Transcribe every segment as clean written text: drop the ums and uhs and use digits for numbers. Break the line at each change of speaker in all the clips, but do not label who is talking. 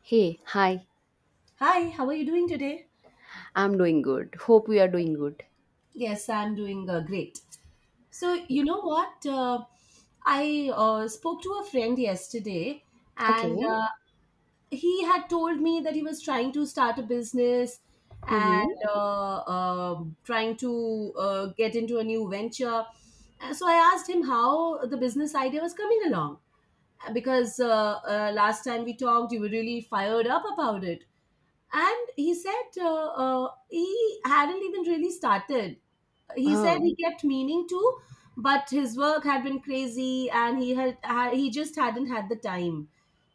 Hey, hi.
Hi, how are you doing today?
I'm doing good. Hope we are doing good.
Yes, I'm doing great. So, you know what? I spoke to a friend yesterday, and
Okay.
he had told me that he was trying to start a business and
Mm-hmm.
trying to get into a new venture. And so, I asked him how the business idea was coming along because last time we talked, you were really fired up about it. And he said he hadn't even really started. He said
Oh,
he kept meaning to, but his work had been crazy and he just hadn't had the time.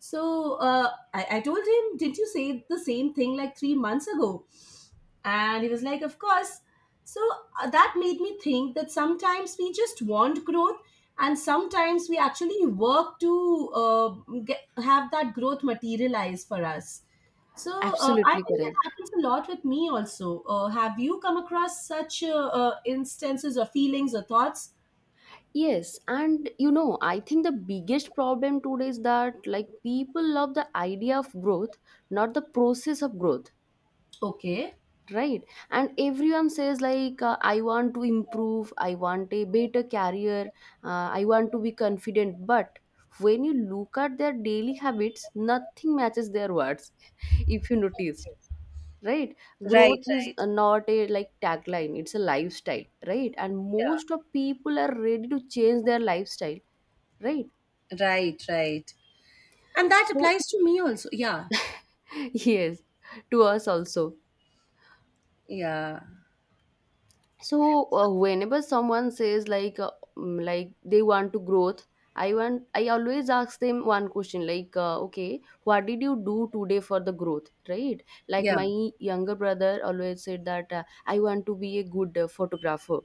So I told him, didn't you say the same thing like 3 months ago? And he was like, of course. So that made me think that sometimes we just want growth, and sometimes we actually work to have that growth materialize for us. So I
absolutely
think that
correct.
happens a lot with me also. Have you come across such instances or feelings or thoughts?
Yes, and I think the biggest problem today is that like people love the idea of growth, not the process of growth,
Okay.
right? And everyone says like, I want to improve, I want a better career, I want to be confident. But when you look at their daily habits, nothing matches their words. If you notice. Right,
Right,
growth is
right.
not a like tagline, it's a lifestyle, right, and
Yeah.
most of people are ready to change their lifestyle, right?
Right, right. And that
So
applies to me also. Yeah.
yes, to us also.
Yeah.
So whenever someone says like like they want to growth, I always ask them one question like, okay, what did you do today for the growth, right? Like
Yeah.
my younger brother always said that I want to be a good photographer.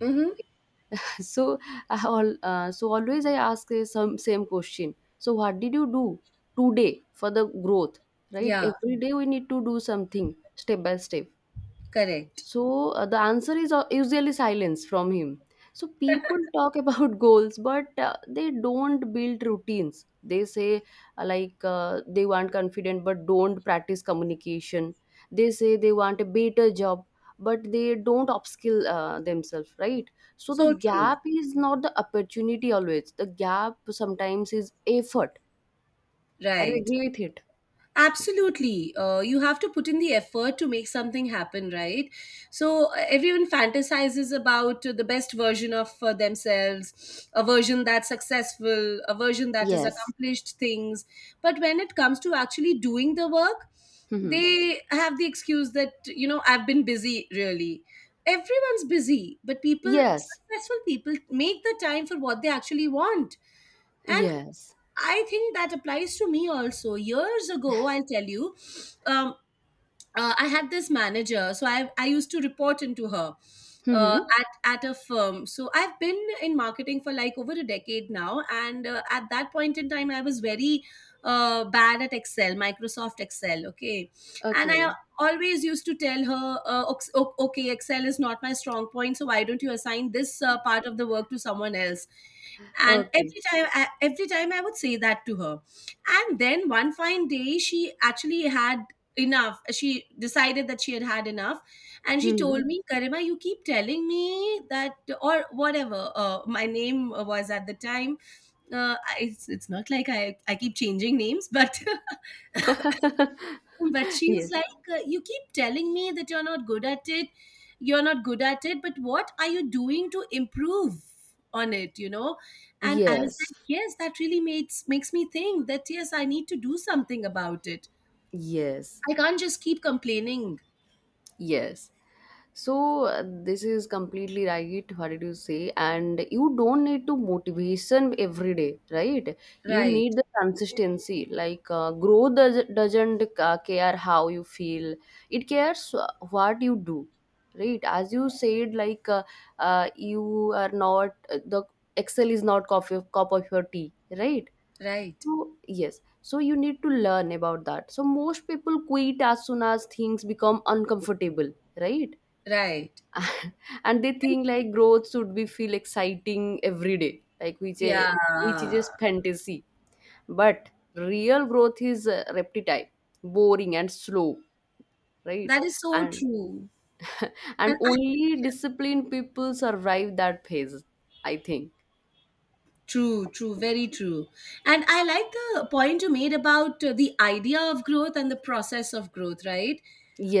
Mm-hmm.
So I all so always I ask the some same question. So what did you do today for the growth? Right?
Yeah.
Every day we need to do something step by step.
Correct.
So the answer is usually silence from him. So people talk about goals, but they don't build routines. They say like they want confident, but don't practice communication. They say they want a better job, but they don't upskill themselves, right? So the
So true.
gap is not the opportunity always. The gap sometimes is effort. Are you
Right.
agree with it?
Absolutely. You have to put in the effort to make something happen, right? So everyone fantasizes about the best version of themselves, a version that's successful, a version that has
Yes.
accomplished things. But when it comes to actually doing the work,
Hmm.
they have the excuse that, you know, I've been busy really. Everyone's busy, but people,
Yes.
successful people, make the time for what they actually want. And
Yes.
I think that applies to me also. Years ago, I'll tell you, um, I had this manager, so I used to report into her uh,
Hmm.
at at a firm. So I've been in marketing for like over a decade now, and at that point in time, I was very bad at Excel, Microsoft Excel. Okay, and
Okay.
I always used to tell her, okay, Excel is not my strong point, so why don't you assign this part of the work to someone else? And
Okay.
every time I would say that to her, and then one fine day, she decided that she had had enough. And she
Hmm.
told me, Karima, you keep telling me that, or whatever my name was at the time. It's not like I keep changing names, but but she was
Yes.
like, you keep telling me that you're not good at it, but what are you doing to improve on it, you know? And I was
Yes.
like, yes, that really makes me think that yes, I need to do something about it.
Yes.
I can't just keep complaining.
Yes. So this is completely right. What did you say? And you don't need to motivation every day, right? You
Right.
need the consistency. Like growth doesn't care how you feel. It cares what you do, right? As you said, like you are not the Excel is not coffee cup of your tea, right?
Right,
So, yes, so you need to learn about that. So, most people quit as soon as things become uncomfortable, right?
right.
And they think like growth should be feel exciting every day, like which is
Yeah,
just fantasy. But real growth is repetitive, boring, and slow, right?
that is so
And
true.
and
And I,
only disciplined people survive that phase, I think.
True, true, very true. And I like the point you made about the idea of growth and the process of growth, right?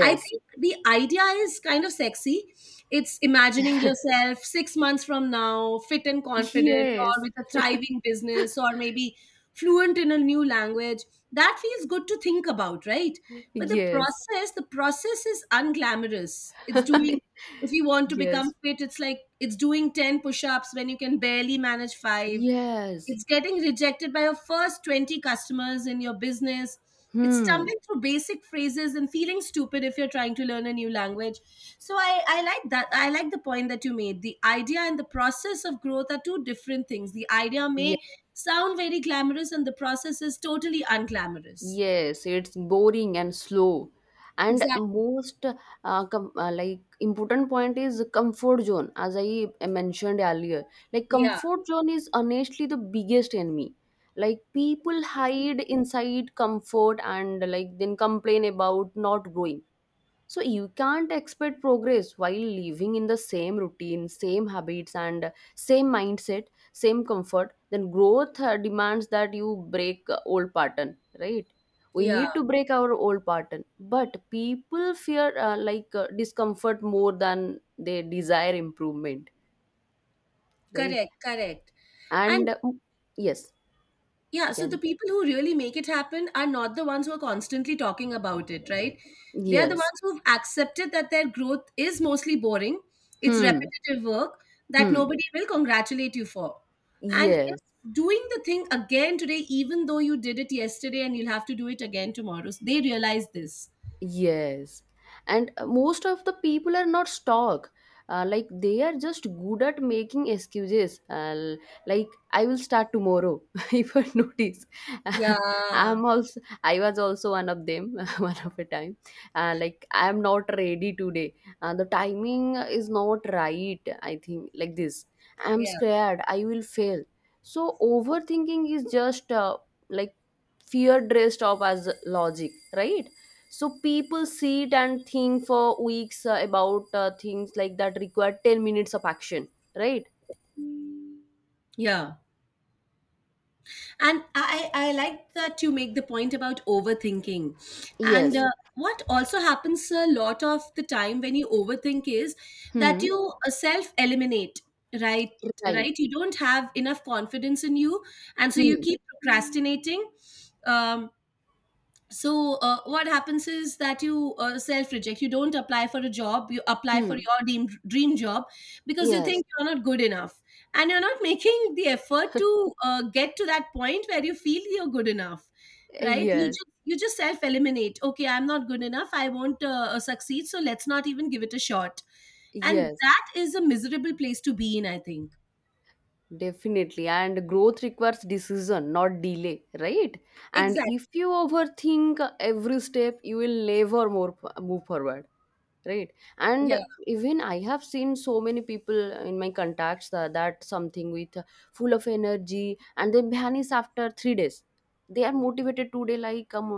I think the idea is kind of sexy. It's imagining yourself 6 months from now, fit and confident, or
yes,
with a thriving business, or maybe fluent in a new language. That feels good to think about, right? But
yes,
the process is unglamorous. It's doing, if you want to become
yes.
fit, it's like it's doing 10 push ups when you can barely manage five.
Yes.
It's getting rejected by your first 20 customers in your business. It's
Hmm.
stumbling through basic phrases and feeling stupid if you're trying to learn a new language. So I like that. I like the point that you made. The idea and the process of growth are two different things. The idea
Yeah,
may sound very glamorous and the process is totally unglamorous.
yes, it's boring and slow. And
Exactly.
most com like important point is comfort zone, as I mentioned earlier. Like
Yeah.
comfort zone is honestly the biggest enemy. Like people hide inside comfort and like then complain about not growing. So you can't expect progress while living in the same routine, same habits, and same mindset, same comfort. Then growth demands that you break old pattern, right? We
Yeah.
need to break our old pattern, but people fear like discomfort more than they desire improvement, right?
Correct. Correct.
And
And
yes,
yeah,
you
so the
can.
people who really make it happen are not the ones who are constantly talking about it, right? They are the
Yes.
ones who've accepted that their growth is mostly boring, it's
Hmm.
repetitive work that
Hmm.
nobody will congratulate you for. And
Yes.
it's doing the thing again today, even though you did it yesterday and you'll have to do it again tomorrow. So they realize this.
Yes. And most of the people are not stock. Like they are just good at making excuses. Like I will start tomorrow. If I notice.
Yeah,
I was also one of them. One of a time. Like I am not ready today. The timing is not right. I think like this. I'm
yeah,
scared. I will fail. So overthinking is just like fear dressed up as logic, right? So people sit and think for weeks about things like that require 10 minutes of action, right?
yeah. And I like that you make the point about overthinking. And
Yes.
what also happens a lot of the time when you overthink is that
Hmm.
you self eliminate, right?
Right.
Right, you don't have enough confidence in you, and so you
Hmm.
keep procrastinating. um what happens is that you self reject. You don't apply for a job You apply for
Hmm.
your dream job because you
Yes.
think you're not good enough, and you're not making the effort to get to that point where you feel you're good enough, right? You
Yes,
just you just self eliminate. Okay, I'm not good enough, I won't succeed, so let's not even give it a shot. And
yes,
that is a miserable place to be in, I think.
definitely. And growth requires decision, not delay, right? And if
Exactly.
you overthink every step, you will never move forward, right? And
Yeah.
even I have seen so many people in my contacts that something with full of energy, and they vanish after 3 days. They are motivated today,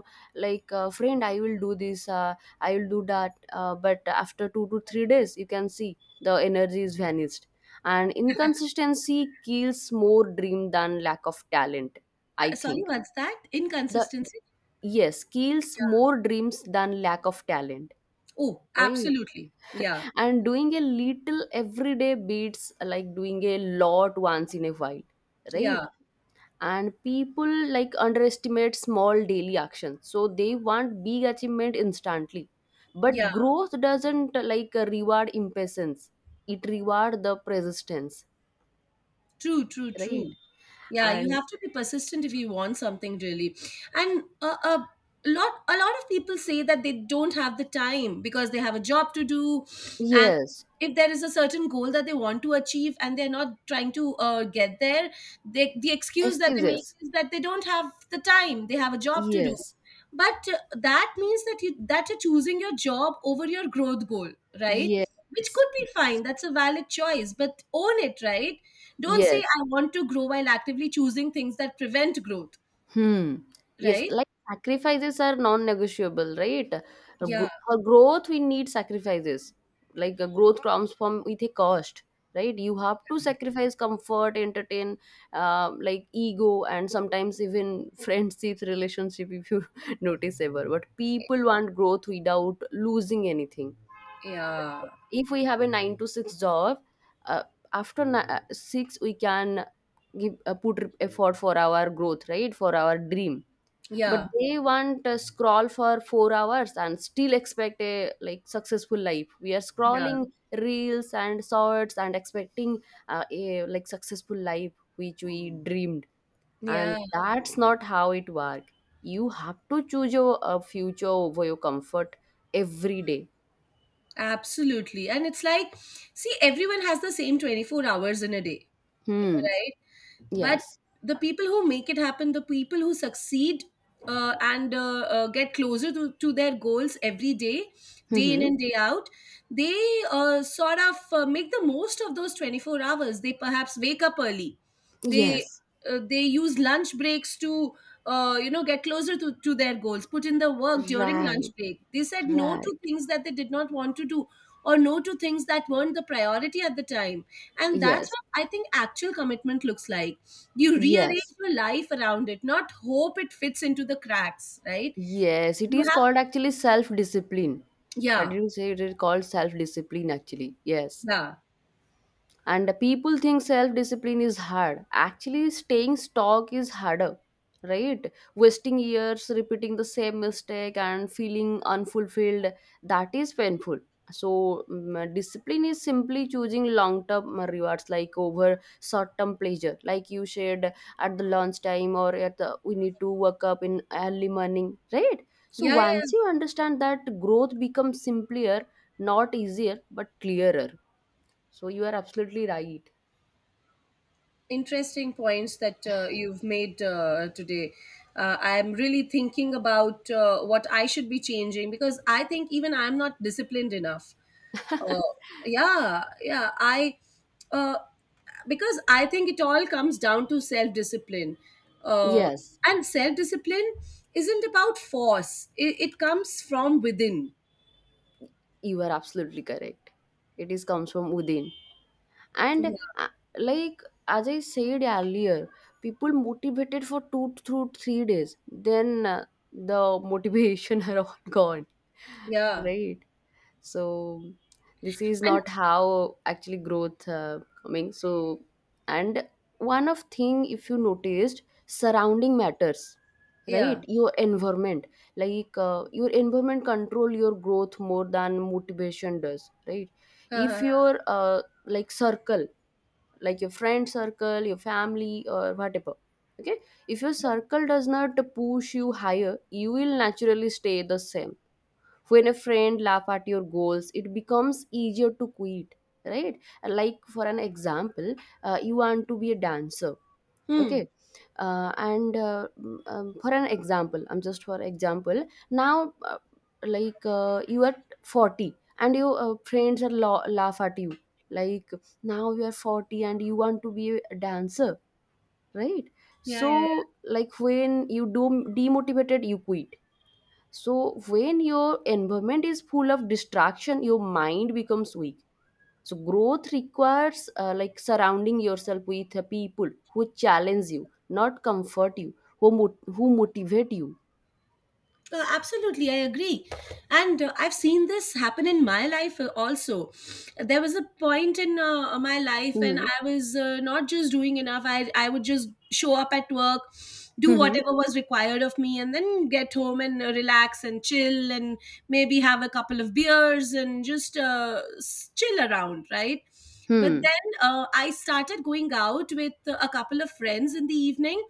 like friend, I will do this, I will do that, but after 2 to 3 days you can see the energy is vanished. And inconsistency kills more dream than lack of talent, I
Sorry,
think.
what's that?
the
Inconsistency?
yes kills more dreams than lack of talent,
Oh,
right?
absolutely. Yeah,
And doing a little everyday beats like doing a lot once in a while, right?
yeah,
And people like underestimate small daily actions, so they want big achievement instantly, but
yeah.
growth doesn't like reward impatience. It reward the persistence,
True, true,
right?
true. Yeah, you
And
have to be persistent if you want something really. And a lot of people say that they don't have the time because they have a job to do. And
yes.
if there is a certain goal that they want to achieve and they're not trying to get there, they, the excuse that they make
Excuses.
is that they don't have the time. They have a job to do.
Yes,
But that means that you're choosing your job over your growth goal, right? Which
yes,
could be
yes,
fine. That's a valid choice, but own it, right? Don't say,
yes.
I want to grow while actively choosing things that prevent growth,
Hmm. Yes,
right?
like sacrifices are non-negotiable, right?
Yeah,
For growth, we need sacrifices. Like growth comes from with a cost, right? You have to sacrifice comfort, entertain, like ego, and sometimes even friendships, relationship. If you notice ever, but people want growth without losing anything.
yeah,
If we have a 9 to 6 job, uh, after six we can give put effort for our growth, right? For our dream, but
yeah,
they want to scroll for 4 hours and still expect a like successful life. We are
yeah.
scrolling reels and shorts and expecting a like successful life which we dreamed, and
Yeah,
that's not how it works. You have to choose your future over your comfort every day.
absolutely. And it's like, see, everyone has the same 24 hours in a day,
Hmm.
right? But
Yes.
the people who make it happen, the people who succeed and get closer to their goals every day, day in
Mm-hmm.
and day out, they sort of make the most of those 24 hours. They perhaps wake up early. They
Yes.
they use lunch breaks to you know, get closer to their goals, put in the work during lunch
Right.
break. They said no to
Right.
things that they did not want to do, or no to things that weren't the priority at the time. And that's
Yes.
what I think actual commitment looks like. You rearrange
Yes.
your life around it, not hope it fits into the cracks, right?
Yes, it
You
is
have
called actually self discipline. How did
yeah,
you say it is called self discipline actually? Yes.
yeah,
And people think self discipline is hard, actually staying stuck is harder, right? Wasting years repeating the same mistake and feeling unfulfilled, that is painful. So discipline is simply choosing long term rewards like over short term pleasure, like you shared at the lunch time or at the we need to wake up in early morning, right? So
yeah, yeah,
once
yeah.
you understand that, growth becomes simpler, not easier but clearer. So you are absolutely right.
Interesting points that you've made today. I'm really thinking about what I should be changing, because I think even I'm not disciplined enough. Uh, yeah, yeah. I uh, because I think it all comes down to self discipline, uh,
Yes.
and self discipline isn't about force. It comes from within.
You are absolutely correct. It is comes from within. And
Yeah,
uh, like as I said earlier, people motivated for 2 through 3 days, then the motivation are all gone,
yeah.
right? So this is
And
not how actually growth coming, so. And one of thing, if you noticed, surrounding matters,
yeah.
right? Your environment, like your environment control your growth more than motivation does, right? If your like circle, like your friend circle, your family or whatever, okay, if your circle does not push you higher, you will naturally stay the same. When a friend laugh at your goals, it becomes easier to quit, right? Like for an example, you want to be a dancer,
Hmm.
okay, for an example, I'm just for example, now like you are 40 and your friends are laugh at you, like, now you are 40 and you want to be a dancer, right?
Yeah,
So
yeah.
like, when you do demotivated, you quit. So when your environment is full of distraction, your mind becomes weak. So growth requires like surrounding yourself with people who challenge you, not comfort you, who motivate you.
Absolutely, I agree. And I've seen this happen in my life also. There was a point in my life
Hmm.
when I was not just doing enough, I would just show up at work, do
Hmm.
whatever was required of me, and then get home and relax and chill and maybe have a couple of beers and just chill around, right? But
Hmm.
then I started going out with a couple of friends in the evening.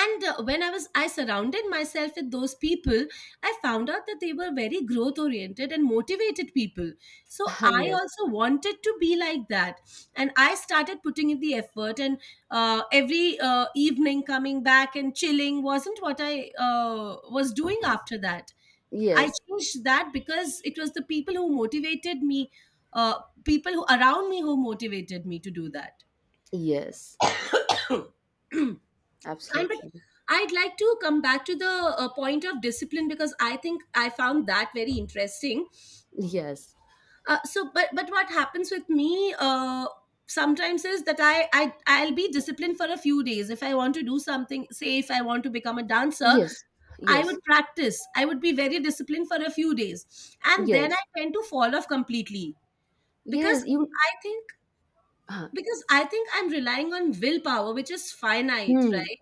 And when I surrounded myself with those people, I found out that they were very growth oriented and motivated people. So I
Yes,
also wanted to be like that, and I started putting in the effort. And every evening coming back and chilling wasn't what I was doing after that. I
yes,
changed that because it was the people who motivated me, uh, people who around me who motivated me to do that.
yes,
And but
absolutely.
I'd like to come back to the point of discipline, because I think I found that very interesting.
Yes,
So, but what happens with me sometimes is that I'll be disciplined for a few days if I want to do something. Say if I want to become a dancer,
yes,
I
yes,
would practice. I would be very disciplined for a few days, and then I
yes,
tend to fall off completely because
yes. You
I think
huh.
I'm relying on willpower, which is finite,
Hmm.
right?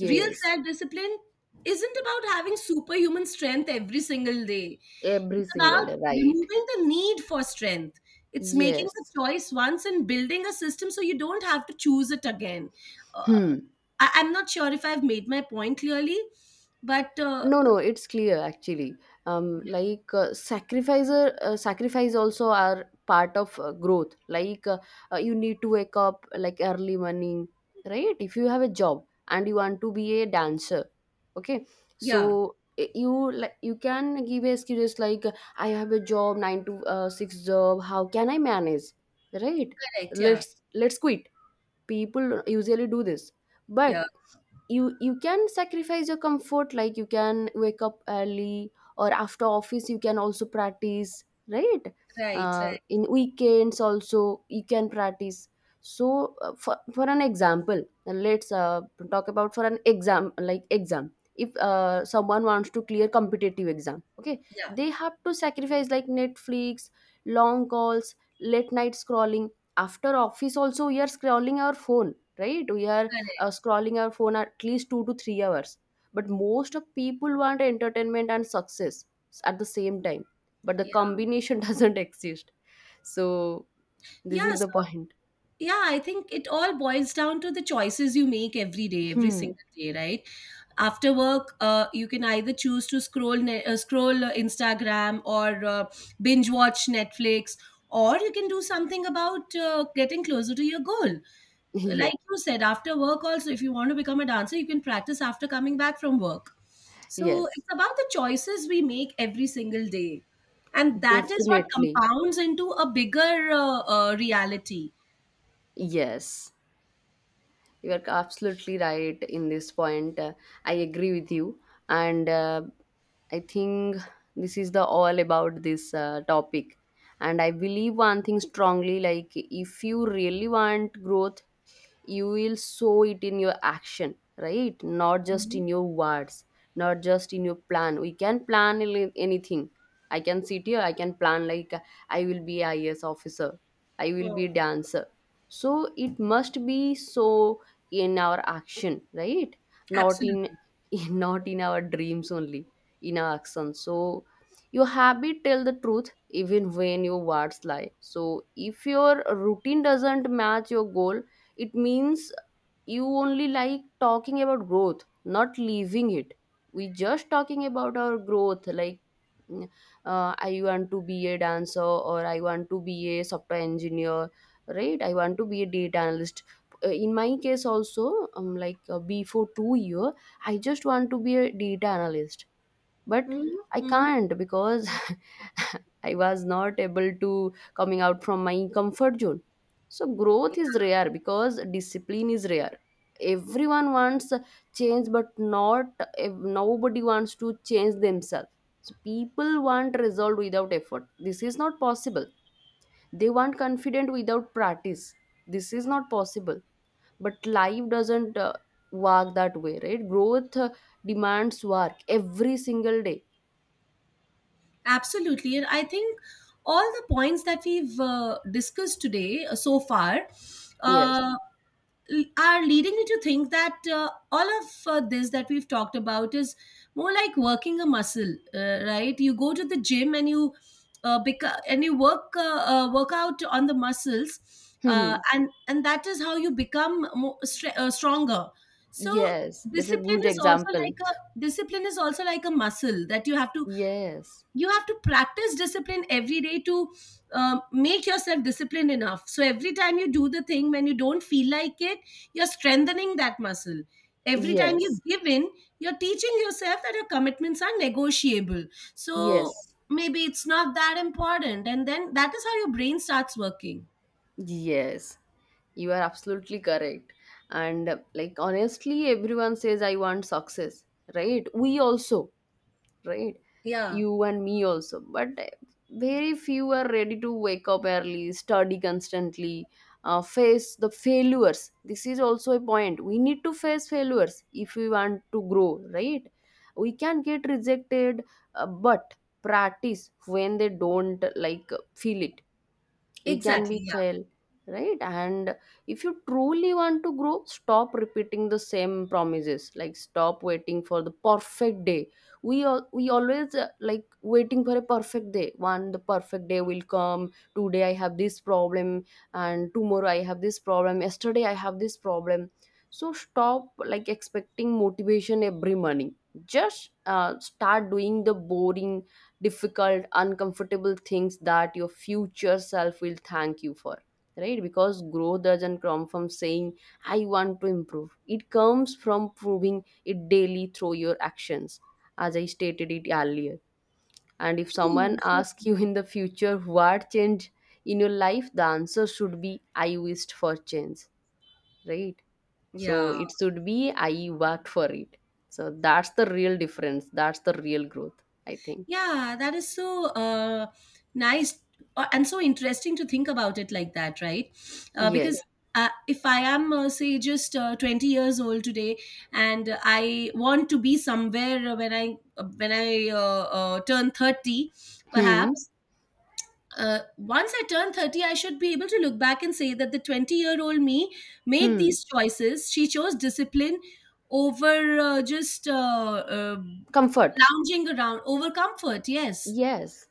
Real self discipline isn't about having superhuman strength every single day.
every
It's
single
about
day, right?
removing the need for strength. It's making the
Yes.
choice once and building a system so you don't have to choose it again. Uh,
Hmm.
I'm not sure if I've made my point clearly, but
No, no, it's clear actually. Like sacrifice also are part of growth. Like you need to wake up like early morning, right? If you have a job and you want to be a dancer, okay,
yeah,
so you like you can give excuses like, I have a job 9 to 6 job, how can I manage, right?
correct. Yeah,
Let's quit. People usually do this,
yeah,
but you can sacrifice your comfort, like you can wake up early, or after office you can also practice, right?
right, right.
In weekends also you can practice. So for an example, and let's talk about for an exam like exam, if someone wants to clear competitive exam, okay,
Yeah,
they have to sacrifice like Netflix, long calls, late night scrolling. After office also we are scrolling our phone, right? We are
correct.
scrolling our phone at least 2 to 3 hours, but most of people want entertainment and success at the same time, but the
Yeah.
combination doesn't exist. So this
Yeah,
is the
so,
point.
yeah, I think it all boils down to the choices you make every day, every
Hmm.
single day, right? After work, you can either choose to scroll Instagram or binge watch Netflix, or you can do something about getting closer to your goal.
Yes,
Like you said, after work also, if you want to become a dancer, you can practice after coming back from work. So
yes,
it's about the choices we make every single day, and that is what
definitely.
compounds into a bigger reality.
Yes. You are absolutely right in this point. I agree with you. And I think this is the all about this topic. And I believe one thing strongly, like if you really want growth, you will show it in your action, right? Not just in your words, not just in your plan. We can plan anything. I can sit here, I can plan like, I will be IAS officer, I will
Mm,
be dancer. So it must be so in our action, right? Not in
absolutely.
not in our dreams only, in our action. So your habit tell the truth even when your words lie. So if your routine doesn't match your goal, it means you only like talking about growth, not leaving it. We just talking about our growth like mm, I want to be a dancer or I want to be a software engineer, right? I want to be a data analyst. In my case also, before 2 years I just want to be a data analyst, but
Mhm,
I
mhm.
can't because I was not able to coming out from my comfort zone. So growth is rare because discipline is rare. Everyone wants change, but not nobody wants to change themselves. So people want result without effort. This is not possible. They want confident without practice. This is not possible. But life doesn't work that way, right? Growth demands work every single day.
Absolutely. And I think all the points that we've discussed today so far
Yes.
uh, are leading me to think that all of this that we've talked about is more like working a muscle, right? You go to the gym and you, and you work work out on the muscles, and that is how you become more stronger. So
Yes. That's a
discipline
good
is also
example.
like a muscle that you have to
Yes.
practice discipline every day to make yourself disciplined enough. So every time you do the thing when you don't feel like it, you're strengthening that muscle. Every time
Yes.
you give in, you're teaching yourself that your commitments are negotiable, so
Yes.
maybe it's not that important, and then that is how your brain starts working.
Yes. You are absolutely correct. And like honestly, everyone says I want success, right? We also. Right,
Yeah,
you and me also, but eh, very few are ready to wake up early, study constantly, face the failures. This is also a point, we need to face failures if we want to grow, right? We can get rejected, but practice when they don't like, feel it, we can be
exactly. Yeah,
fail, right? And if you truly want to grow, stop repeating the same promises, like stop waiting for the perfect day. We always like waiting for a perfect day, one the perfect day will come. Today I have this problem, and tomorrow I have this problem, yesterday I have this problem. So stop like expecting motivation every morning. Just start doing the boring, difficult, uncomfortable things that your future self will thank you for. Right? Because growth doesn't come from saying, I want to improve. It comes from proving it daily through your actions, as I stated it earlier. And if someone
true, so
asks
true.
you in the future what changed in your life, the answer should be, I wished for change. Right? So
Yeah.
it should be, I worked for it. So that's the real difference. That's the real growth, I think.
Yeah, that is so nice and so interesting to think about it like that, right? Yeah.
Yes.
Because if I am, say, just 20 years old today, and I want to be somewhere when I turn 30,
Hmm.
perhaps once I turn 30, I should be able to look back and say that the 20-year-old-year-old me made
Hmm.
these choices. She chose discipline over just uh,
Comfort.
lounging around, over comfort. Yes.
Yes.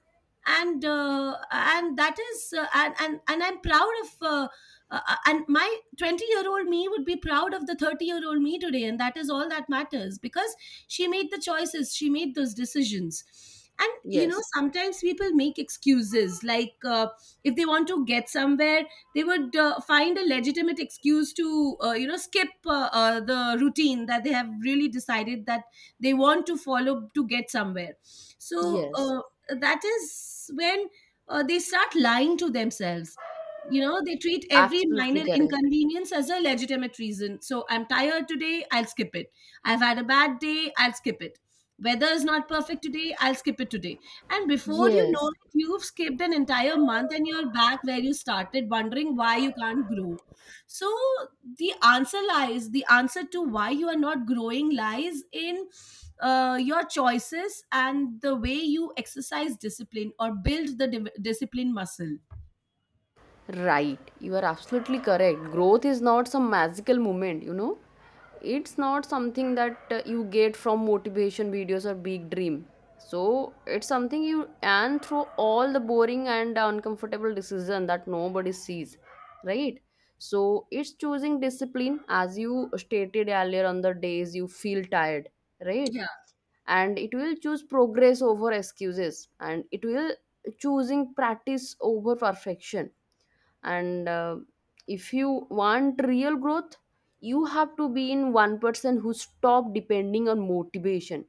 And that is and I'm proud of and my 20-year-old me would be proud of the 30-year-old me today, and that is all that matters because she made the choices, she made those decisions. And
Yes.
sometimes people make excuses, like if they want to get somewhere, they would find a legitimate excuse to skip the routine that they have really decided that they want to follow to get somewhere. So
Yes.
that is when they start lying to themselves. You know, they treat every
Absolutely
minor
correct.
inconvenience as a legitimate reason. So I'm tired today, I'll skip it. I've had a bad day, I'll skip it. Weather is not perfect today, I'll skip it today. And before you
Yes.
know it, you've skipped an entire month and you're back where you started wondering why you can't grow. So the answer to why you are not growing lies in your choices and the way you exercise discipline or build the discipline muscle.
Right. You are absolutely correct. Growth is not some magical moment, you know. It's not something that you get from motivation videos or big dream. So it's something you and through all the boring and uncomfortable decision that nobody sees, right? So it's choosing discipline, as you stated earlier, on the days you feel tired, right?
Yeah.
And it will choose progress over excuses, and it will choosing practice over perfection. And if you want real growth, you have to be in one person who stop depending on motivation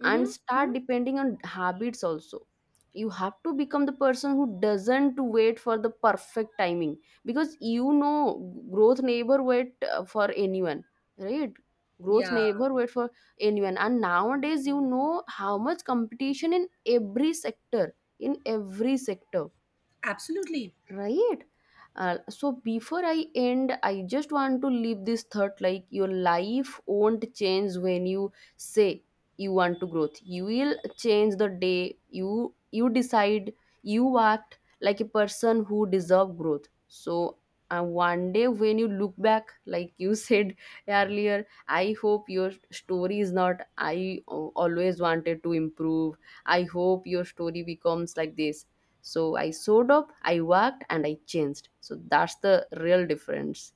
Mm-hmm.
and
Hmm.
start depending on habits also. You have to become the person who doesn't wait for the perfect timing, because you know growth never wait for anyone, right? Growth
Yeah.
never wait for anyone. And nowadays you know how much competition in every sector, in every sector,
Absolutely.
right? So before I end, I just want to leave this thought, like your life won't change when you say you want to growth. You will change the day you decide you act like a person who deserve growth. So one day when you look back, like you said earlier, I hope your story is not, I always wanted to improve. I hope your story becomes like this: so I showed up, I worked, and I changed. So that's the real difference.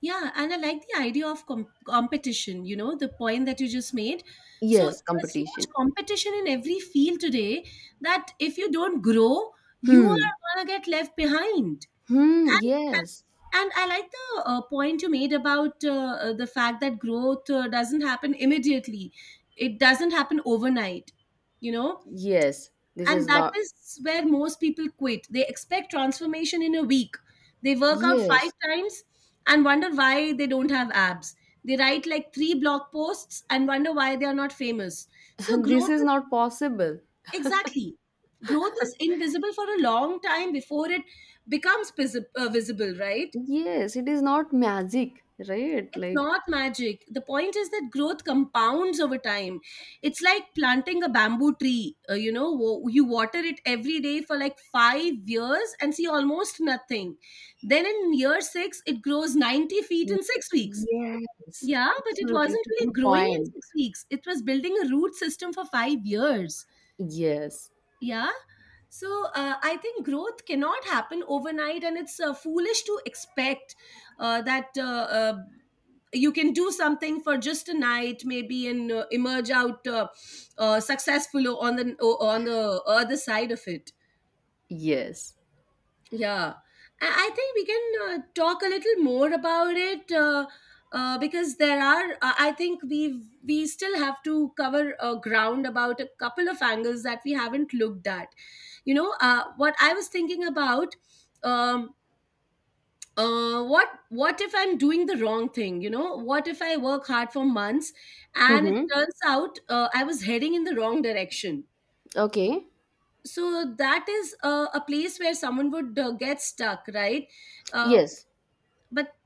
Yeah, and I like the idea of competition, you know, the point that you just made. So
Yes,
there's so
competition.
much competition in every field today that if you don't grow, you
Hmm.
are going to get left behind.
Hmm.
and and
Yes.
and I like the point you made about the fact that growth doesn't happen immediately. It doesn't happen overnight, you know?
Yes. This is
And that
not.
is where most people quit. They expect transformation in a week. They work out five
Yes.
times and wonder why they don't have abs. They write like three blog posts and wonder why they are not famous. So,
This
growth
is
is
not possible.
exactly. Growth is invisible for a long time before it becomes visible, right?
Yes. It is not magic, right?
It's
Like,
not magic. The point is that growth compounds over time. It's like planting a bamboo tree. You know, you water it every day for like 5 years and see almost nothing. Then in year six, it grows 90 feet in 6 weeks.
yes.
Yeah, but it
Absolutely. It's
wasn't
a
really
good
growing in
point.
6 weeks. It was building a root system for 5 years.
Yes.
Yeah. So I think growth cannot happen overnight, and it's foolish to expect that you can do something for just a night, maybe, and emerge out successful on the other side of it.
Yes.
Yeah, I think we can talk a little more about it, because there are. I think we still have to cover ground about a couple of angles that we haven't looked at. You know, what I was thinking about. Um, what if I'm doing the wrong thing? You know, what if I work hard for months and it
Mm-hmm.
turns out I was heading in the wrong direction?
Okay.
So that is a place where someone would get stuck, right? Uh,
Yes.
but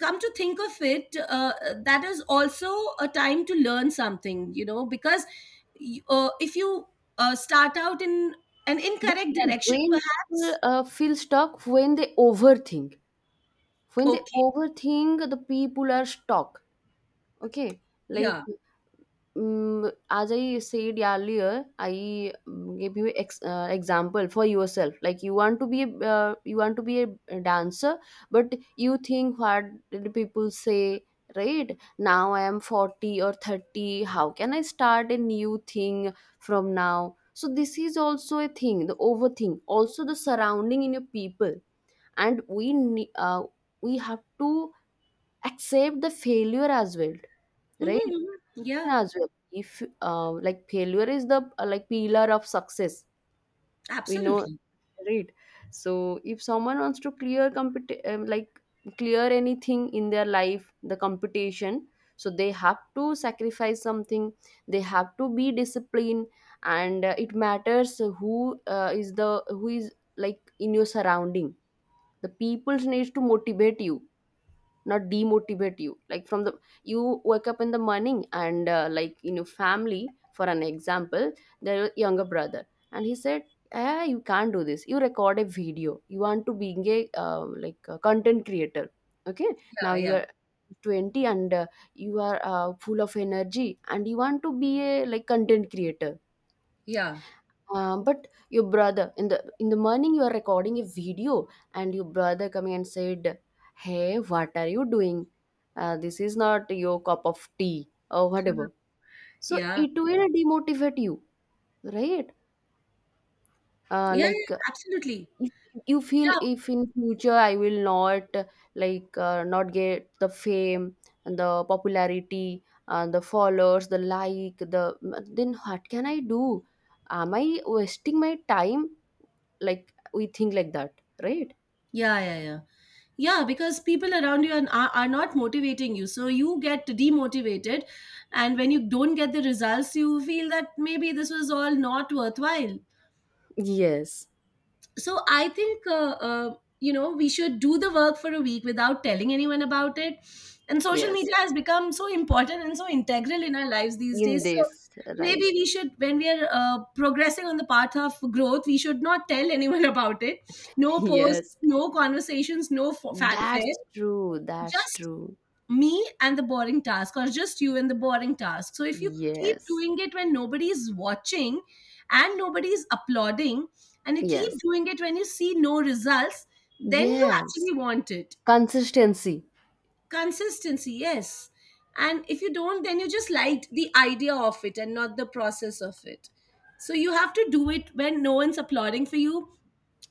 come to think of it, that is also a time to learn something, you know, because if you start out in an
Do you
incorrect
know
direction,
when people
perhaps.
feel stuck? When they overthink. When they
Okay.
overthink, the people are stuck. Okay. Like
Yeah.
as I said earlier, I gave you example for yourself, like you want to be a, you want to be a dancer, but you think what did people say? Right now I am 40 or 30, how can I start a new thing from now? So this is also a thing, the overthink, also the surrounding in your people. And we have to accept the failure as well, right?
Hmm. Yeah.
As well, if like failure is the like pillar of success, we know,
Absolutely.
right? So if someone wants to like clear anything in their life, the competition, so they have to sacrifice something, they have to be disciplined. And it matters who is the who is like in your surrounding. The people needs to motivate you, not demotivate you. Like from the you wake up in the morning and like in your family, for an example, their younger brother, and he said, ah, you can't do this. You record a video, you want to being a like a content creator. Okay, now
Yeah,
you
yeah,
are 20 and you are full of energy and you want to be a like content creator.
yeah,
But your brother in the morning, you are recording a video, and your brother coming and said, "Hey, what are you doing? This is not your cup of tea or whatever." So
yeah.
it will demotivate you, right? Uh,
Yeah, yeah,
like uh,
absolutely.
if you feel
Yeah,
if in future I will not like not get the fame and the popularity and the followers, the like, the then what can I do? Am I wasting my time? Like we think like that, right?
yeah, yeah, yeah, yeah, because people around you are, are not motivating you, so you get demotivated, and when you don't get the results you feel that maybe this was all not worthwhile.
Yes.
So I think, you know, we should do the work for a week without telling anyone about it, and social
Yes,
media has become so important and so integral in our lives these
in
days. So
this. Right.
maybe we should, when we are progressing on the path of growth, we should not tell anyone about it. No posts,
Yes.
no conversations, no fanfare.
That's true, that's
Just
true.
me and the boring task, or just you and the boring task. So if you keep
Yes,
doing it when nobody's watching and nobody's applauding, and you keep
yes,
doing it when you see no results, then you
yes.
actually want it.
Consistency.
Consistency. Yes. And if you don't, then you just liked the idea of it and not the process of it. So you have to do it when no one's applauding for you,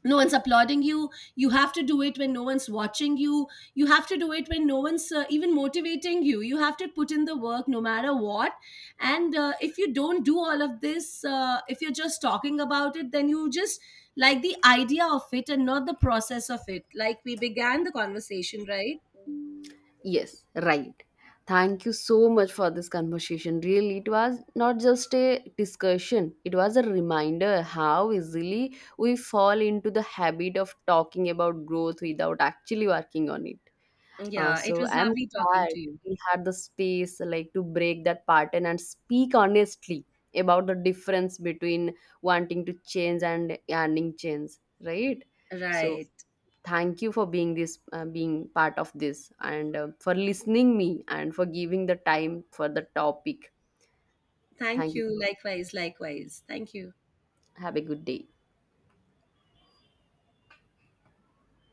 no one's applauding you. You have to do it when no one's watching you. You have to do it when no one's even motivating you. You have to put in the work no matter what. And if you don't do all of this, if you're just talking about it, then you just like the idea of it and not the process of it, like we began the conversation, right?
Yes. Right. Thank you so much for this conversation. Really, it was not just a discussion, it was a reminder how easily we fall into the habit of talking about growth without actually working on it.
Yeah,
So
it was
I'm
lovely talking
glad
to you.
we had the space like to break that pattern and speak honestly about the difference between wanting to change and earning change, right? So
Right,
thank you for being part of this and for listening me and for giving the time for the topic.
thank
Thank you.
you. Likewise, likewise. Thank you.
Have a good day.